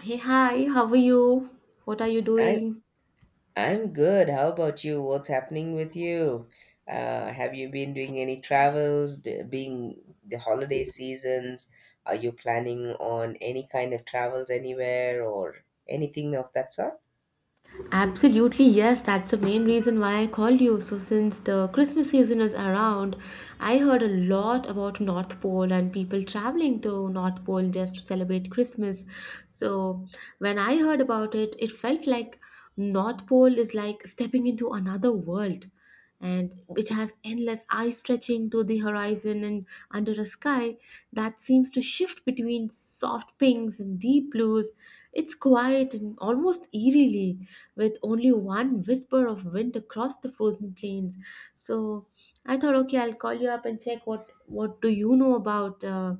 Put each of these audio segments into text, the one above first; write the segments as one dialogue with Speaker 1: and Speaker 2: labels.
Speaker 1: Hey, hi, how are you? What are you
Speaker 2: I
Speaker 1: doing?
Speaker 2: I'm good. How about you? What's happening with you? Have you been doing any travels? Being the holiday seasons, are you planning on any kind of travels anywhere or anything of that sort?
Speaker 1: Absolutely, yes, that's the main reason why I called you. So, since the Christmas season is around, I heard a lot about North Pole and people traveling to North Pole just to celebrate Christmas. So, when I heard about it, it felt like North Pole is like stepping into another world, and which has endless eye stretching to the horizon and under a sky that seems to shift between soft pinks and deep blues. It's quiet and almost eerily, with only one whisper of wind across the frozen plains. So I thought, okay, I'll call you up and check what do you know about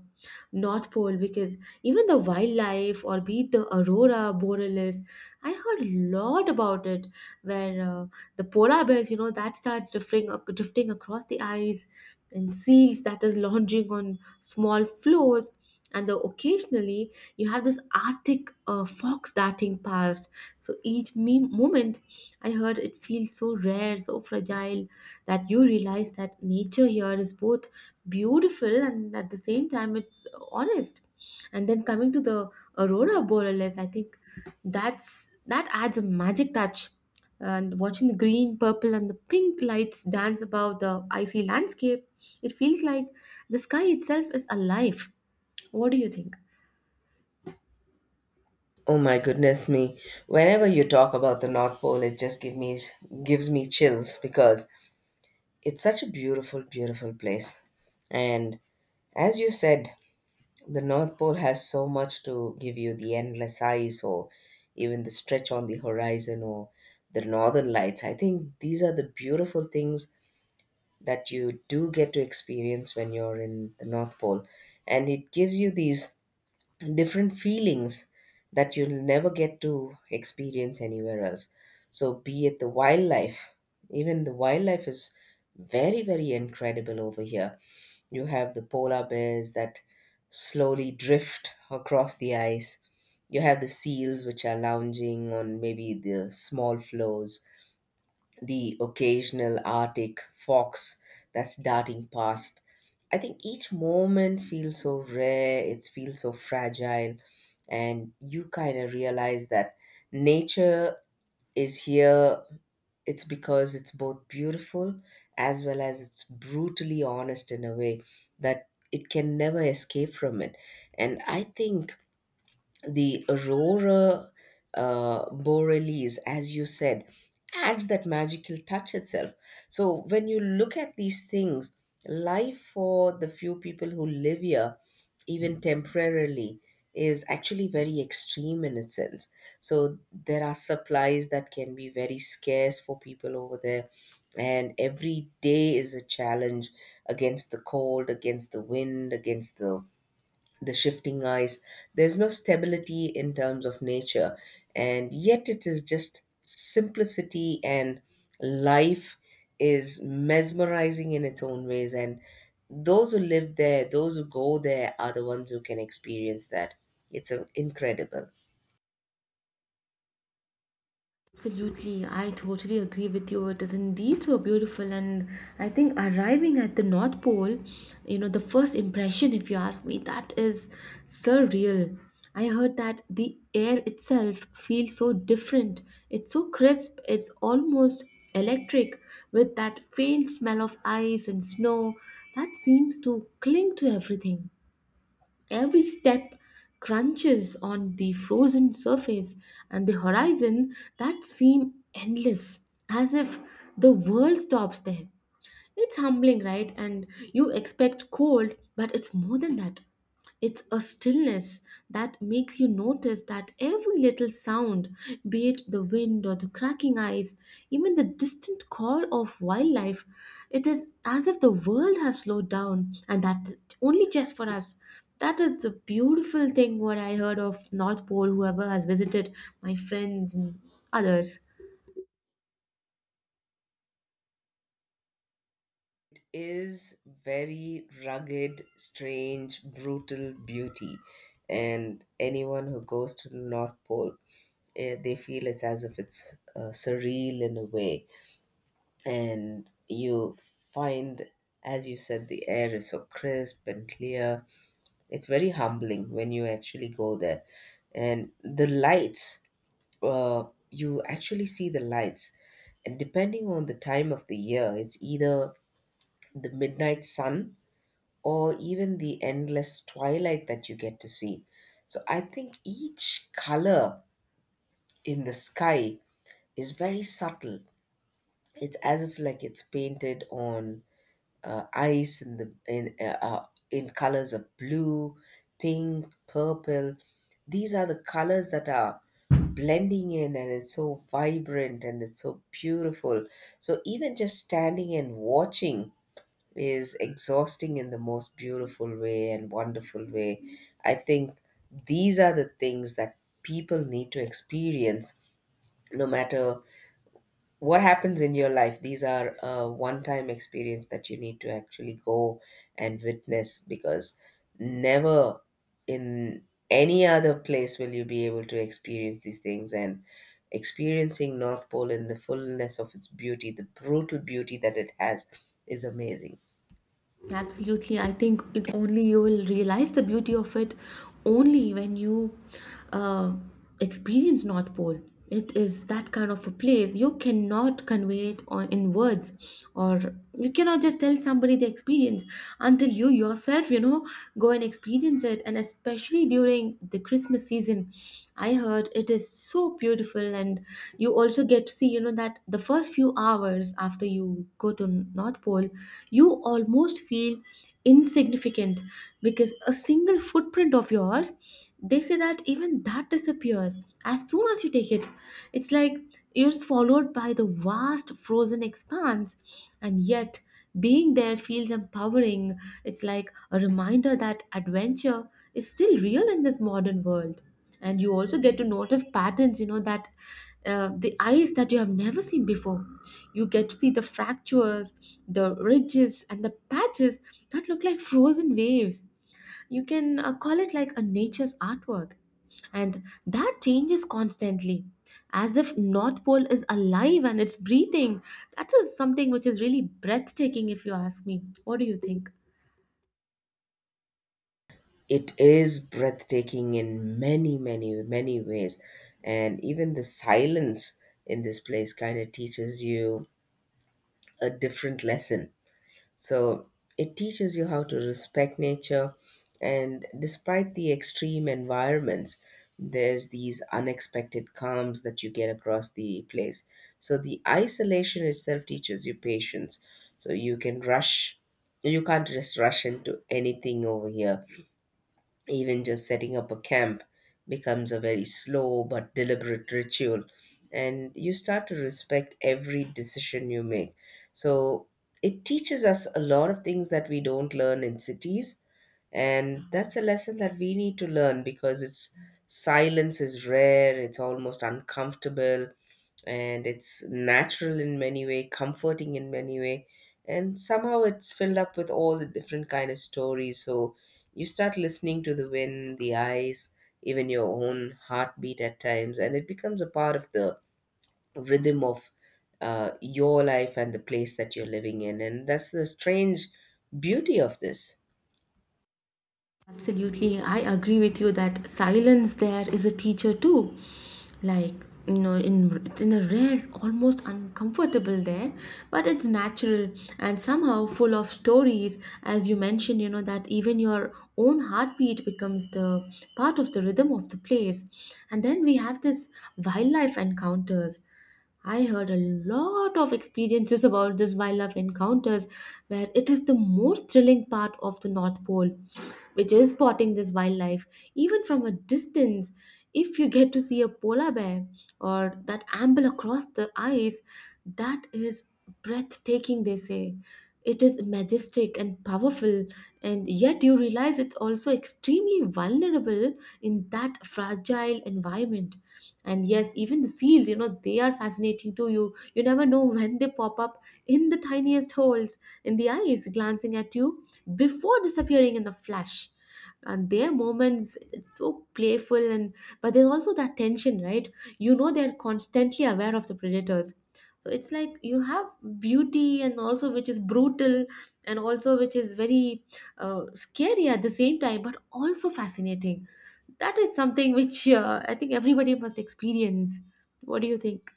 Speaker 1: North Pole, because even the wildlife or be it the aurora borealis, I heard a lot about it where. The polar bears, you know, that starts drifting drifting across the ice, and seals that is lounging on small floors, and the occasionally you have this arctic fox darting past. So each moment, I heard it feels so rare, so fragile, that you realize that nature here is both beautiful and at the same time it's honest. And then coming to the aurora borealis, I think that adds a magic touch. And watching the green, purple, and the pink lights dance above the icy landscape, it feels like the sky itself is alive. What do you think?
Speaker 2: Oh my goodness me. Whenever you talk about the North Pole, it just give me gives me chills because it's such a beautiful, beautiful place. And as you said, the North Pole has so much to give you: the endless ice, or even the stretch on the horizon, or the northern lights. I think these are the beautiful things that you do get to experience when you're in the North Pole. And it gives you these different feelings that you'll never get to experience anywhere else. So, be it the wildlife, even the wildlife is very, very incredible over here. You have the polar bears that slowly drift across the ice. You have the seals which are lounging on maybe the small floes, the occasional Arctic fox that's darting past. I think each moment feels so rare, it feels so fragile, and you kind of realize that nature is here. It's because it's both beautiful as well as it's brutally honest in a way that it can never escape from it. And I think the aurora borealis, as you said, adds that magical touch itself. So when you look at these things, life for the few people who live here, even temporarily, is actually very extreme in its sense. So there are supplies that can be very scarce for people over there, and every day is a challenge against the cold, against the wind, against the shifting ice. There's no stability in terms of nature, and yet it is just simplicity, and life is mesmerizing in its own ways. And those who live there, those who go there, are the ones who can experience that. It's incredible.
Speaker 1: Absolutely, I totally agree with you. It is indeed so beautiful, and I think arriving at the North Pole, you know, the first impression, if you ask me, that is surreal. I heard that the air itself feels so different. It's so crisp, it's almost electric, with that faint smell of ice and snow that seems to cling to everything. Every step crunches on the frozen surface, and the horizon that seem endless, as if the world stops there. It's humbling, right? And you expect cold, but it's more than that. It's a stillness that makes you notice that every little sound, be it the wind or the cracking ice, even the distant call of wildlife, it is as if the world has slowed down, and that is only just for us. That is the beautiful thing what I heard of North Pole, whoever has visited, my friends and others.
Speaker 2: It is very rugged, strange, brutal beauty. And anyone who goes to the North Pole, they feel it's as if it's surreal in a way, and you find, as you said, the air is so crisp and clear. It's very humbling when you actually go there. And the lights, uh, you actually see the lights, and depending on the time of the year, it's either the midnight sun or even the endless twilight that you get to see. So I think each color in the sky is very subtle. It's as if like it's painted on ice, in the in colors of blue, pink, purple. These are the colors that are blending in, and it's so vibrant and it's so beautiful. So even just standing and watching is exhausting in the most beautiful way and wonderful way. I think these are the things that people need to experience. No matter what happens in your life, these are a one time experience that you need to actually go and witness, because never in any other place will you be able to experience these things. And experiencing North Pole in the fullness of its beauty, the brutal beauty that it has, is amazing.
Speaker 1: Absolutely. I think it only you will realize the beauty of it only when you uh, experience North Pole. It is that kind of a place. You cannot convey it on, in words, or you cannot just tell somebody the experience until you yourself, you know, go and experience it. And especially during the Christmas season, Indian. I heard it is so beautiful, and you also get to see, you know, that the first few hours after you go to North Pole, you almost feel insignificant, because a single footprint of yours, they say that even that disappears as soon as you take it. It's like you're swallowed by the vast frozen expanse, and yet being there feels empowering. It's like a reminder that adventure is still real in this modern world. And you also get to notice patterns, you know, that the eyes that you have never seen before, you get to see the fractures, the ridges, and the patches that look like frozen waves. You can call it like a nature's artwork, and that changes constantly, as if North Pole is alive and it's breathing. That is something which is really breathtaking, if you ask me. What do you think?
Speaker 2: It is breathtaking in many, many, many ways. And even the silence in this place kind of teaches you a different lesson. So it teaches you how to respect nature. And despite the extreme environments, there's these unexpected calms that you get across the place. So the isolation itself teaches you patience. So you can rush, you can't just rush into anything over here. Even just setting up a camp becomes a very slow but deliberate ritual, and you start to respect every decision you make. So it teaches us a lot of things that we don't learn in cities, and that's a lesson that we need to learn, because it's silence is rare, it's almost uncomfortable, and it's natural in many way, comforting in many way, and somehow it's filled up with all the different kind of stories. So you start listening to the wind, the ice, even your own heartbeat at times, and it becomes a part of the rhythm of your life and the place that you're living in. And that's the strange beauty of this.
Speaker 1: Absolutely, I agree with you that silence there is a teacher too. Like, you know, in it's in a rare, almost uncomfortable there, but it's natural and somehow full of stories. As you mentioned, you know, that even your own heartbeat becomes the part of the rhythm of the place. And then we have this wildlife encounters. I heard a lot of experiences about these wildlife encounters, where it is the most thrilling part of the North Pole, which is spotting this wildlife, even from a distance. If you get to see a polar bear or that amble across the ice, that is breathtaking, they say. It is majestic and powerful, and yet you realize it's also extremely vulnerable in that fragile environment. And yes, even the seals, you know, they are fascinating too. You never know when they pop up in the tiniest holes, in the eyes glancing at you before disappearing in the flash. And their moments, it's so playful, and but there's also that tension, right? You know, they're constantly aware of the predators. So it's like you have beauty and also which is brutal, and also which is very scary at the same time, but also fascinating. That is something which, I think everybody must experience. What do you think?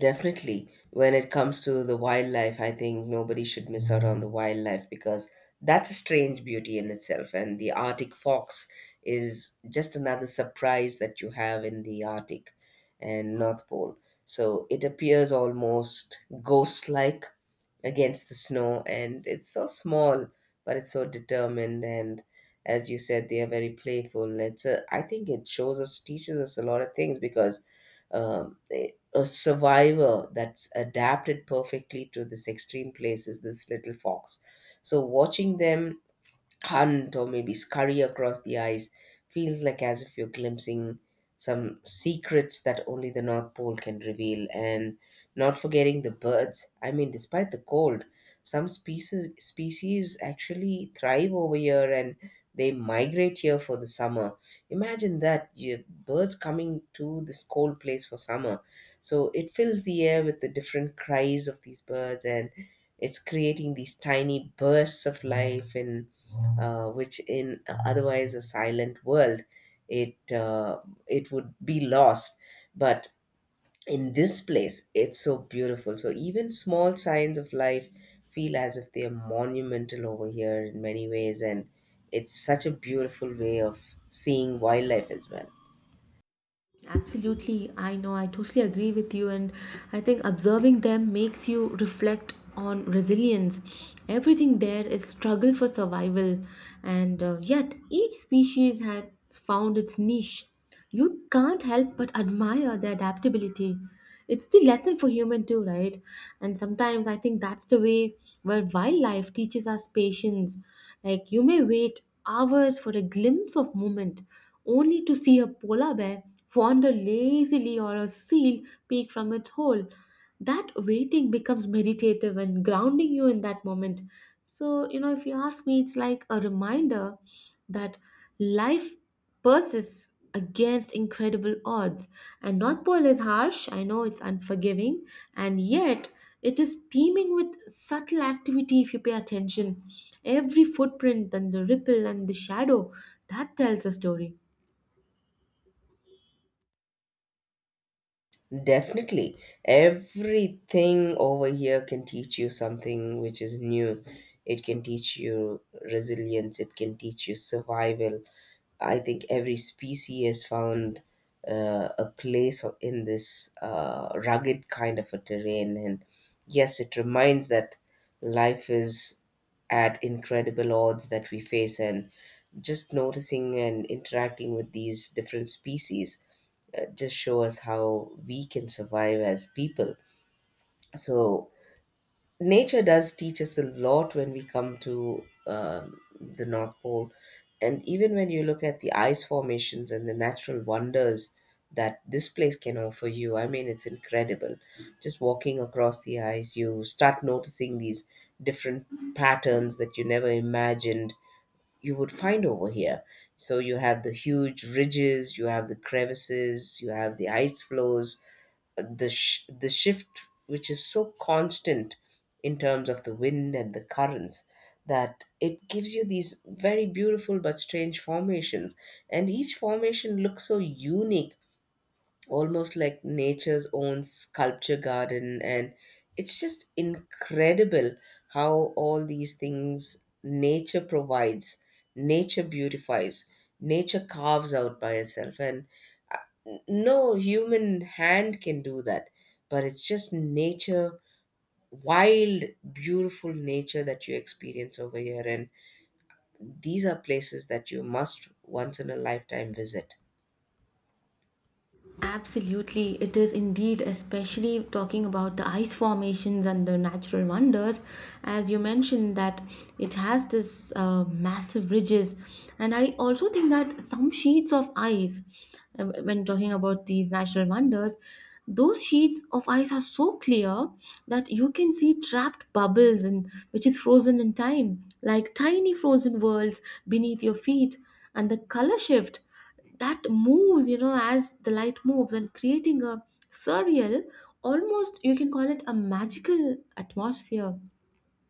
Speaker 2: Definitely. When it comes to the wildlife, I think nobody should miss out on the wildlife, because that's a strange beauty in itself. And the Arctic fox is just another surprise that you have in the Arctic and North Pole. So it appears almost ghost like against the snow, and it's so small but it's so determined. And as you said, they are very playful. It's a, I think it shows us, teaches us a lot of things, because a survivor that's adapted perfectly to this extreme place is this little fox. So watching them hunt or maybe scurry across the ice feels like as if you're glimpsing some secrets that only the North Pole can reveal. And not forgetting the birds. I mean, despite the cold, some species actually thrive over here, and they migrate here for the summer. Imagine that you birds coming to this cold place for summer. So it fills the air with the different cries of these birds, and it's creating these tiny bursts of life in which, in otherwise a silent world, it uh, it would be lost. But in this place, it's so beautiful. So even small signs of life feel as if they are monumental over here in many ways, and it's such a beautiful way of seeing wildlife as well.
Speaker 1: Absolutely, I know, I totally agree with you, and I think observing them makes you reflect on resilience. Everything there is struggle for survival, and yet each species has found its niche. You can't help but admire their adaptability. It's the lesson for human too, right? And sometimes I think that's the way where wildlife teaches us patience. Like, you may wait hours for a glimpse of movement only to see a polar bear wander lazily or a seal peek from its hole. That waiting becomes meditative and grounding you in that moment. So, you know, if you ask me, it's like a reminder that life persists against incredible odds. And North Pole is harsh, I know it's unforgiving, and yet it is teeming with subtle activity if you pay attention. Every footprint and the ripple and the shadow that tells a story.
Speaker 2: Definitely. Everything over here can teach you something which is new. It can teach you resilience, it can teach you survival. I think every species has found a place in this rugged kind of a terrain. And yes, it reminds that life is at incredible odds that we face. And just noticing and interacting with these different species just show us how we can survive as people. So nature does teach us a lot when we come to the North Pole, and even when you look at the ice formations and the natural wonders that this place can offer you, I mean, it's incredible. Just walking across the ice, you start noticing these different patterns that you never imagined you would find over here. So you have the huge ridges, you have the crevices, you have the ice flows, the shift which is so constant in terms of the wind and the currents, that it gives you these very beautiful but strange formations. And each formation looks so unique, almost like nature's own sculpture garden. And it's just incredible how all these things nature provides, nature beautifies, nature carves out by itself, and no human hand can do that. But it's just nature, wild, beautiful nature that you experience over here. And these are places that you must once in a lifetime visit.
Speaker 1: Absolutely, it is indeed, especially talking about the ice formations and the natural wonders. As you mentioned, that it has this massive ridges, and I also think that some sheets of ice, when talking about these natural wonders, those sheets of ice are so clear that you can see trapped bubbles and which is frozen in time, like tiny frozen worlds beneath your feet, and the color shift that moves, you know, as the light moves and creating a surreal, almost you can call it a magical atmosphere.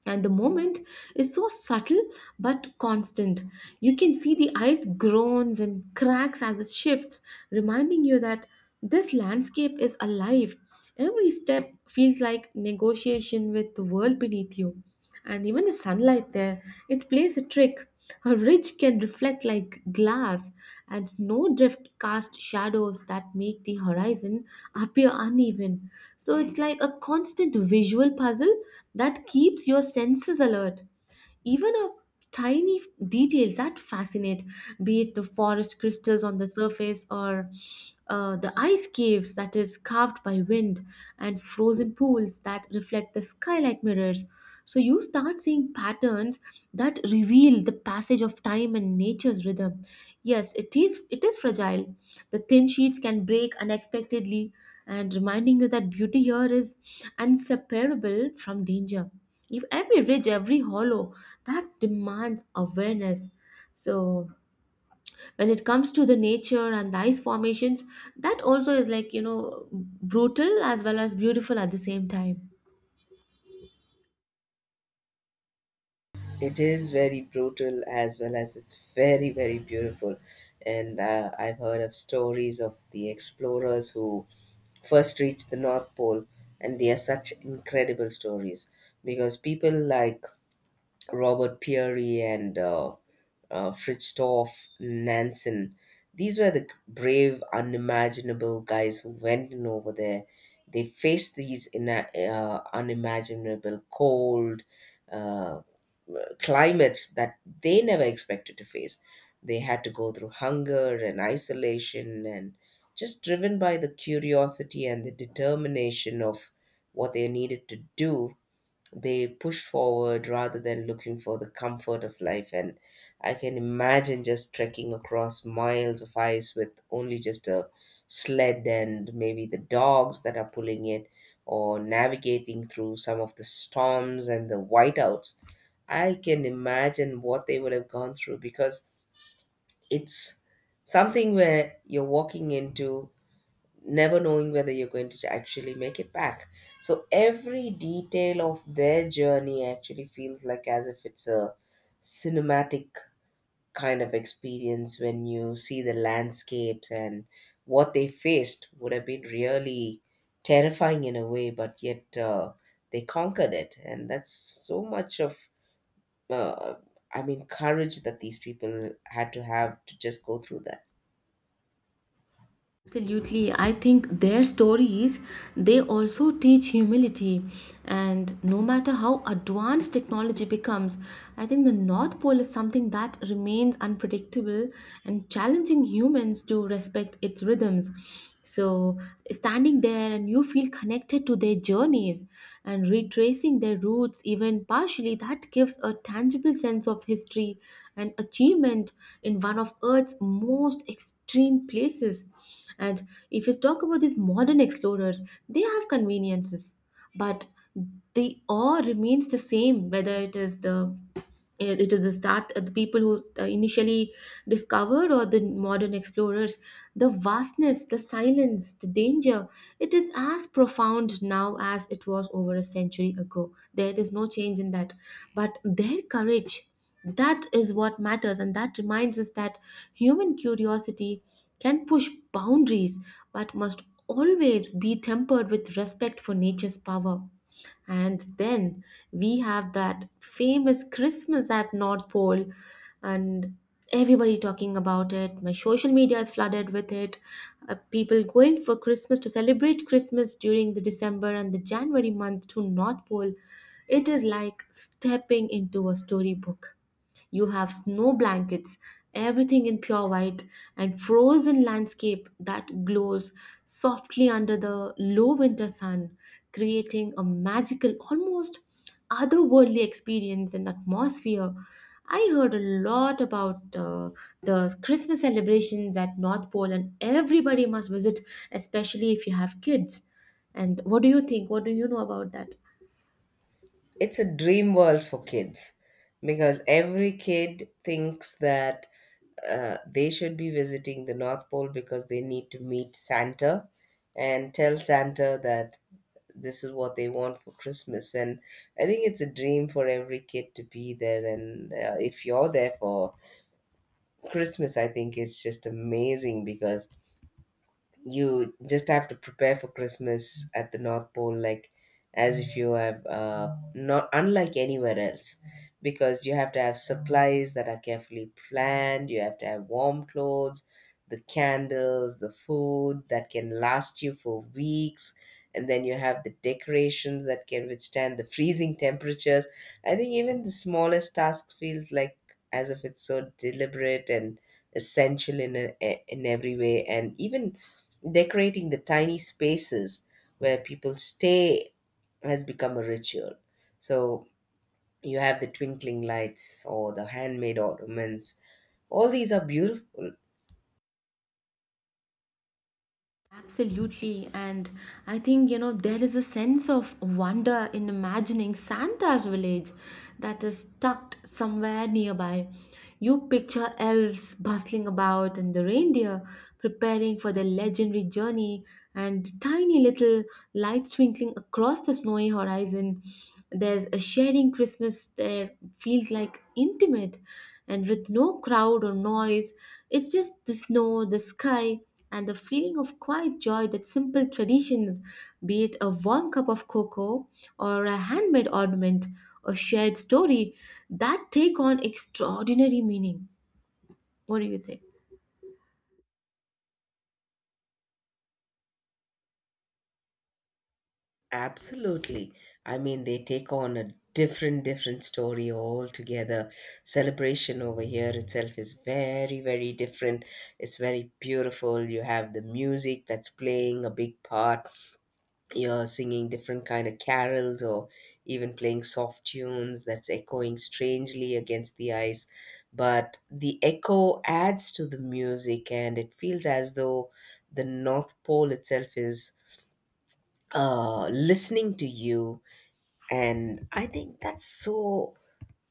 Speaker 1: And the moment is so subtle but constant. You can see the ice groans and cracks as it shifts, reminding you that this landscape is alive. Every step feels like negotiation with the world beneath you, and even the sunlight there, it plays a trick. A ridge can reflect like glass, and snow drift cast shadows that make the horizon appear uneven. So it's like a constant visual puzzle that keeps your senses alert. Even a tiny details that fascinate, be it the forest crystals on the surface, or the ice caves that is carved by wind, and frozen pools that reflect the sky like mirrors. So you start seeing patterns that reveal the passage of time and nature's rhythm. Yes, it is, it is fragile. The thin sheets can break unexpectedly, and reminding you that beauty here is inseparable from danger. If every ridge, every hollow, that demands awareness. So when it comes to the nature and the ice formations, that also is like, you know, brutal as well as beautiful at the same time.
Speaker 2: It is very brutal as well as it's very, very beautiful. And I've heard of stories of the explorers who first reached the North Pole, and they are such incredible stories, because people like Robert Peary and Fridtjof Nansen. These were the brave, unimaginable guys who went in over there. They faced these unimaginable cold uh, climates that they never expected to face. They had to go through hunger and isolation, and just driven by the curiosity and the determination of what they needed to do, they push forward rather than looking for the comfort of life. And I can imagine just trekking across miles of ice with only just a sled and maybe the dogs that are pulling it, or navigating through some of the storms and the whiteouts. I can imagine what they would have gone through, because it's something where you're walking into never knowing whether you're going to actually make it back. So every detail of their journey actually feels like as if it's a cinematic kind of experience when you see the landscapes, and what they faced would have been really terrifying in a way, but yet they conquered it. And that's so much of, uh, courage that these people had to have to just go through that.
Speaker 1: Absolutely. I think their stories, they also teach humility. And no matter how advanced technology becomes, I think the North Pole is something that remains unpredictable and challenging humans to respect its rhythms. So, standing there and you feel connected to their journeys and retracing their roots, even partially, that gives a tangible sense of history and achievement in one of Earth's most extreme places. And if you talk about these modern explorers, they have conveniences, but the awe remains the same, whether it is the, and it is that the people who initially discovered, or the modern explorers, the vastness, the silence, the danger, it is as profound now as it was over a century ago. There is no change in that. But their courage, that is what matters, and that reminds us that human curiosity can push boundaries, but must always be tempered with respect for nature's power. And then we have that famous Christmas at North Pole, and everybody talking about it. My social media is flooded with it. People going for Christmas to celebrate Christmas during the December and the January month to North Pole. It is like stepping into a storybook. You have snow blankets, everything in pure white, and frozen landscape that glows softly under the low winter sun, creating a magical, almost otherworldly experience and atmosphere. I heard a lot about the Christmas celebrations at North Pole, and everybody must visit, especially if you have kids. And what do you think? What do you know about that?
Speaker 2: It's a dream world for kids, because every kid thinks that they should be visiting the North Pole because they need to meet Santa and tell Santa that this is what they want for Christmas. And I think it's a dream for every kid to be there. And if you're there for Christmas, I think it's just amazing, because you just have to prepare for Christmas at the North Pole, like as if you have not unlike anywhere else, because you have to have supplies that are carefully planned. You have to have warm clothes, the candles, the food that can last you for weeks. And then you have the decorations that can withstand the freezing temperatures. I think even the smallest task feels like as if it's so deliberate and essential in every way, and even decorating the tiny spaces where people stay has become a ritual. So you have the twinkling lights or the handmade ornaments. All these are beautiful.
Speaker 1: Absolutely. And I think, you know, there is a sense of wonder in imagining Santa's village that is tucked somewhere nearby. You picture elves bustling about and the reindeer preparing for their legendary journey and tiny little lights twinkling across the snowy horizon. There's a sharing Christmas there, feels like intimate and with no crowd or noise. It's just the snow, the sky, and the feeling of quiet joy that simple traditions, be it a warm cup of cocoa or a handmade ornament, a shared story, that take on extraordinary meaning. What do you say?
Speaker 2: Absolutely. I mean, they take on a different story altogether. Celebration over here itself is very, very different. It's very beautiful. You have the music that's playing a big part. You're singing different kind of carols or even playing soft tunes that's echoing strangely against the ice, but the echo adds to the music and it feels as though the North Pole itself is listening to you, and I think that's so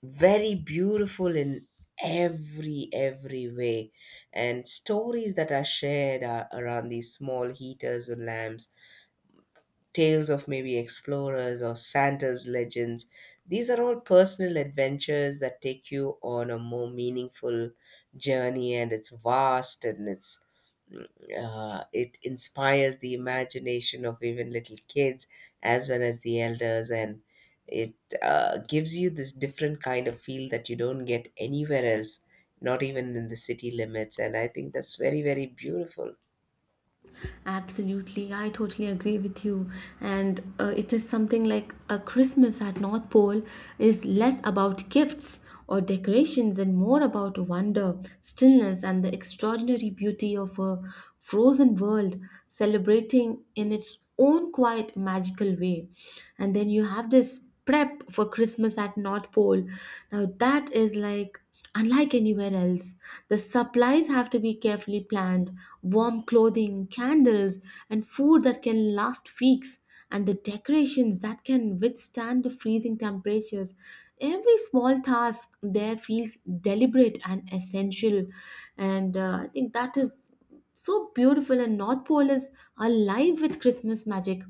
Speaker 2: very beautiful in every way. And stories that are shared are around these small heaters or lamps, tales of maybe explorers or Santa's legends. These are all personal adventures that take you on a more meaningful journey, and it's vast and it inspires the imagination of even little kids as well as the elders, and it gives you this different kind of feel that you don't get anywhere else, not even in the city limits. And I think that's very, very beautiful.
Speaker 1: Absolutely, I totally agree with you. And it is something like a Christmas at North Pole is less about gifts or decorations and more about wonder, stillness, and the extraordinary beauty of a frozen world celebrating in its own quiet, magical way. And then you have this prep for Christmas at North Pole. Now, that is like unlike anywhere else, the supplies have to be carefully planned: warm clothing, candles, and food that can last weeks, and the decorations that can withstand the freezing temperatures. Every small task there feels deliberate and essential, and I think that is so beautiful, and North Pole is alive with Christmas magic.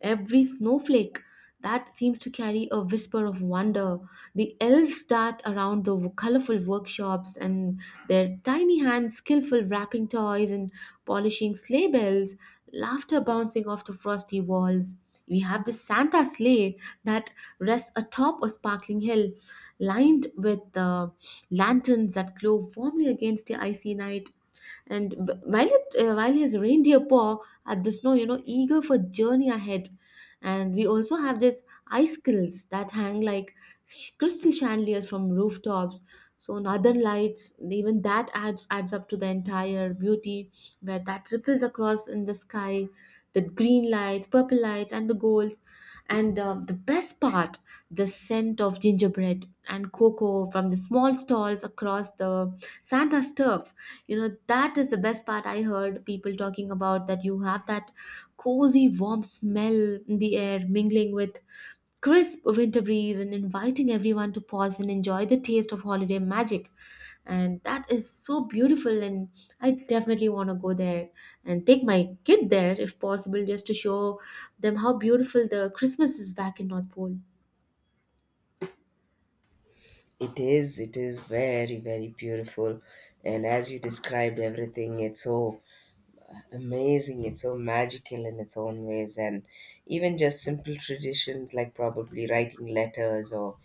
Speaker 1: Every snowflake that seems to carry a whisper of wonder, the elves dart around the colorful workshops, and their tiny hands skillful wrapping toys and polishing sleigh bells, laughter bouncing off the frosty walls. We have the Santa sleigh that rests atop a sparkling hill lined with lanterns that glow warmly against the icy night, and while it while his reindeer paw at the snow, you know, eager for journey ahead. And we also have this icicles that hang like crystal chandeliers from rooftops. So northern lights, even that adds up to the entire beauty, where that ripples across in the sky: the green lights, purple lights, and the golds. And the best part, the scent of gingerbread and cocoa from the small stalls across the Santa's turf. You know, that is the best part. I heard people talking about that. You have that cozy, warm smell in the air mingling with crisp winter breeze and inviting everyone to pause and enjoy the taste of holiday magic. And that is so beautiful, and I definitely want to go there and take my kid there if possible, just to show them how beautiful the Christmas is back in North Pole.
Speaker 2: It is very, very beautiful. And as you described everything, it's so amazing, it's so magical in its own ways. And even just simple traditions like probably writing letters or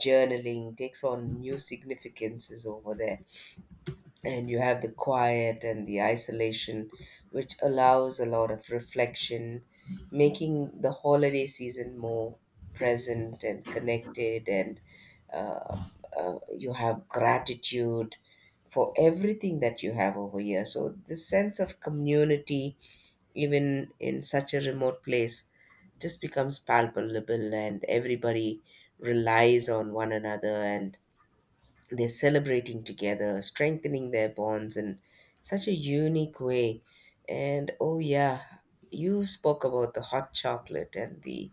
Speaker 2: journaling takes on new significances over there, and you have the quiet and the isolation, which allows a lot of reflection, making the holiday season more present and connected. And uh, you have gratitude for everything that you have over here. So this sense of community, even in such a remote place, just becomes palpable, and everybody relies on one another and they're celebrating together, strengthening their bonds in such a unique way. And oh yeah, you spoke about the hot chocolate and the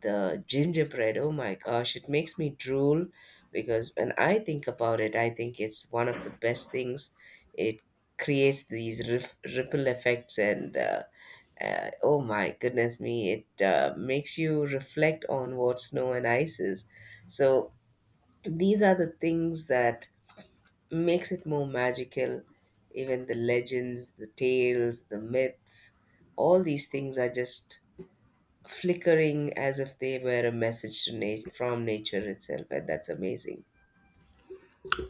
Speaker 2: the gingerbread. Oh my gosh, it makes me drool, because when I think about it, I think it's one of the best things. It creates these ripple effects, and oh my goodness me, it makes you reflect on what snow and ice is. So these are the things that makes it more magical. Even the legends, the tales, the myths, all these things are just flickering as if they were a message to from nature itself, and that's amazing.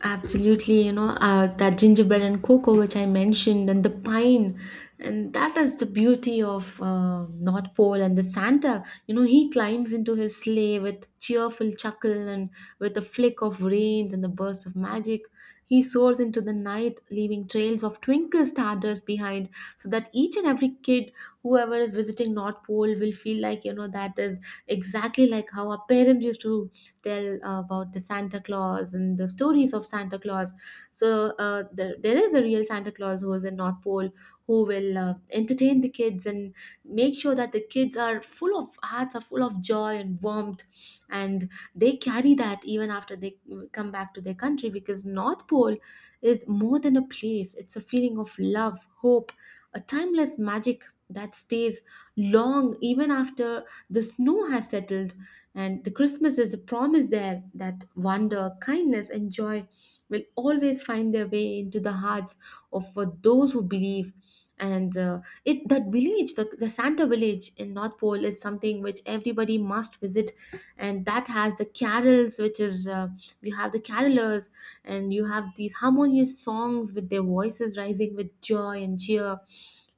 Speaker 1: Absolutely, you know, that gingerbread and cocoa, which I mentioned, and the pine. And that is the beauty of North Pole and the Santa. You know, he climbs into his sleigh with cheerful chuckle and with a flick of reins and the burst of magic. He soars into the night, leaving trails of twinkle stardust behind, so that each and every kid, whoever is visiting North Pole, will feel like, you know, that is exactly like how our parents used to tell about the Santa Claus and the stories of Santa Claus. So there is a real Santa Claus who is in North Pole, who will entertain the kids and make sure that the kids are full of, hearts are full of joy and warmth, and they carry that even after they come back to their country, because North Pole is more than a place, it's a feeling of love, hope, a timeless magic that stays long even after the snow has settled. And the Christmas is a promise there that wonder, kindness, and joy will always find their way into the hearts of those who believe. And it that village, the Santa village in North Pole, is something which everybody must visit, and that has the carols, which is you have the carolers, and you have these harmonious songs with their voices rising with joy and cheer,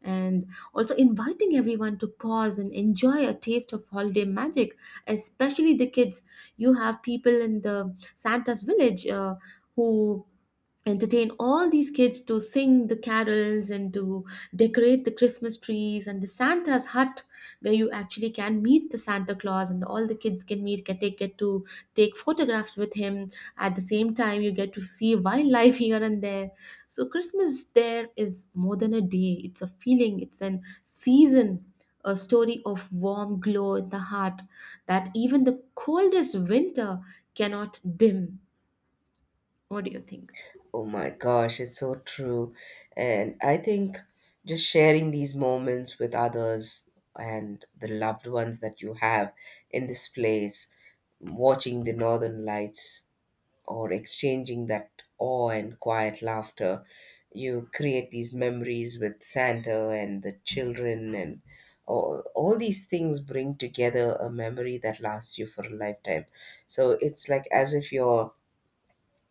Speaker 1: and also inviting everyone to pause and enjoy a taste of holiday magic, especially the kids. You have people in the Santa's village who entertain all these kids to sing the carols and to decorate the Christmas trees and the Santa's hut, where you actually can meet the Santa Claus, and all the kids can meet can take get to take photographs with him. At the same time, you get to see wildlife here and there. So Christmas there is more than a day, it's a feeling, it's an season, a story of warm glow in the heart that even the coldest winter cannot dim. What do you think?
Speaker 2: Oh my gosh, it's so true. And I think just sharing these moments with others and the loved ones that you have in this place, watching the northern lights or exchanging that awe and quiet laughter, you create these memories with Santa and the children, and all these things bring together a memory that lasts you for a lifetime. So it's like as if you're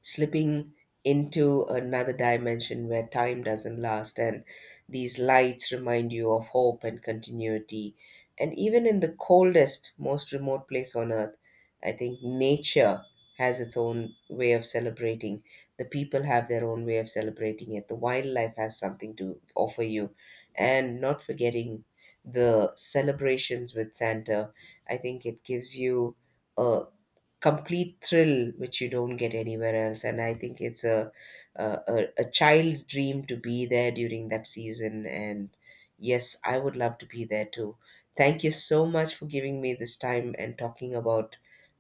Speaker 2: slipping into another dimension where time doesn't last, and these lights remind you of hope and continuity. And even in the coldest, most remote place on earth, I think nature has its own way of celebrating, the people have their own way of celebrating it, the wildlife has something to offer you, and not forgetting the celebrations with Santa, I think it gives you a complete thrill which you don't get anywhere else. And I think it's a, a child's dream to be there during that season. And yes, I would love to be there too. Thank you so much for giving me this time and talking about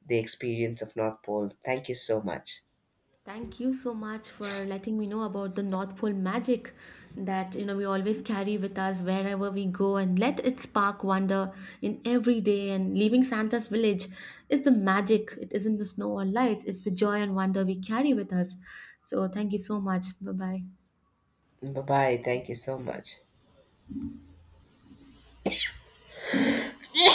Speaker 2: the experience of North Pole. Thank you so much.
Speaker 1: Thank you so much for letting me know about the North Pole magic that, you know, we always carry with us wherever we go, and let it spark wonder in every day. And leaving Santa's village is the magic. It isn't the snow or lights, it's the joy and wonder we carry with us. So thank you so much. Bye bye.
Speaker 2: Bye bye, thank you so much.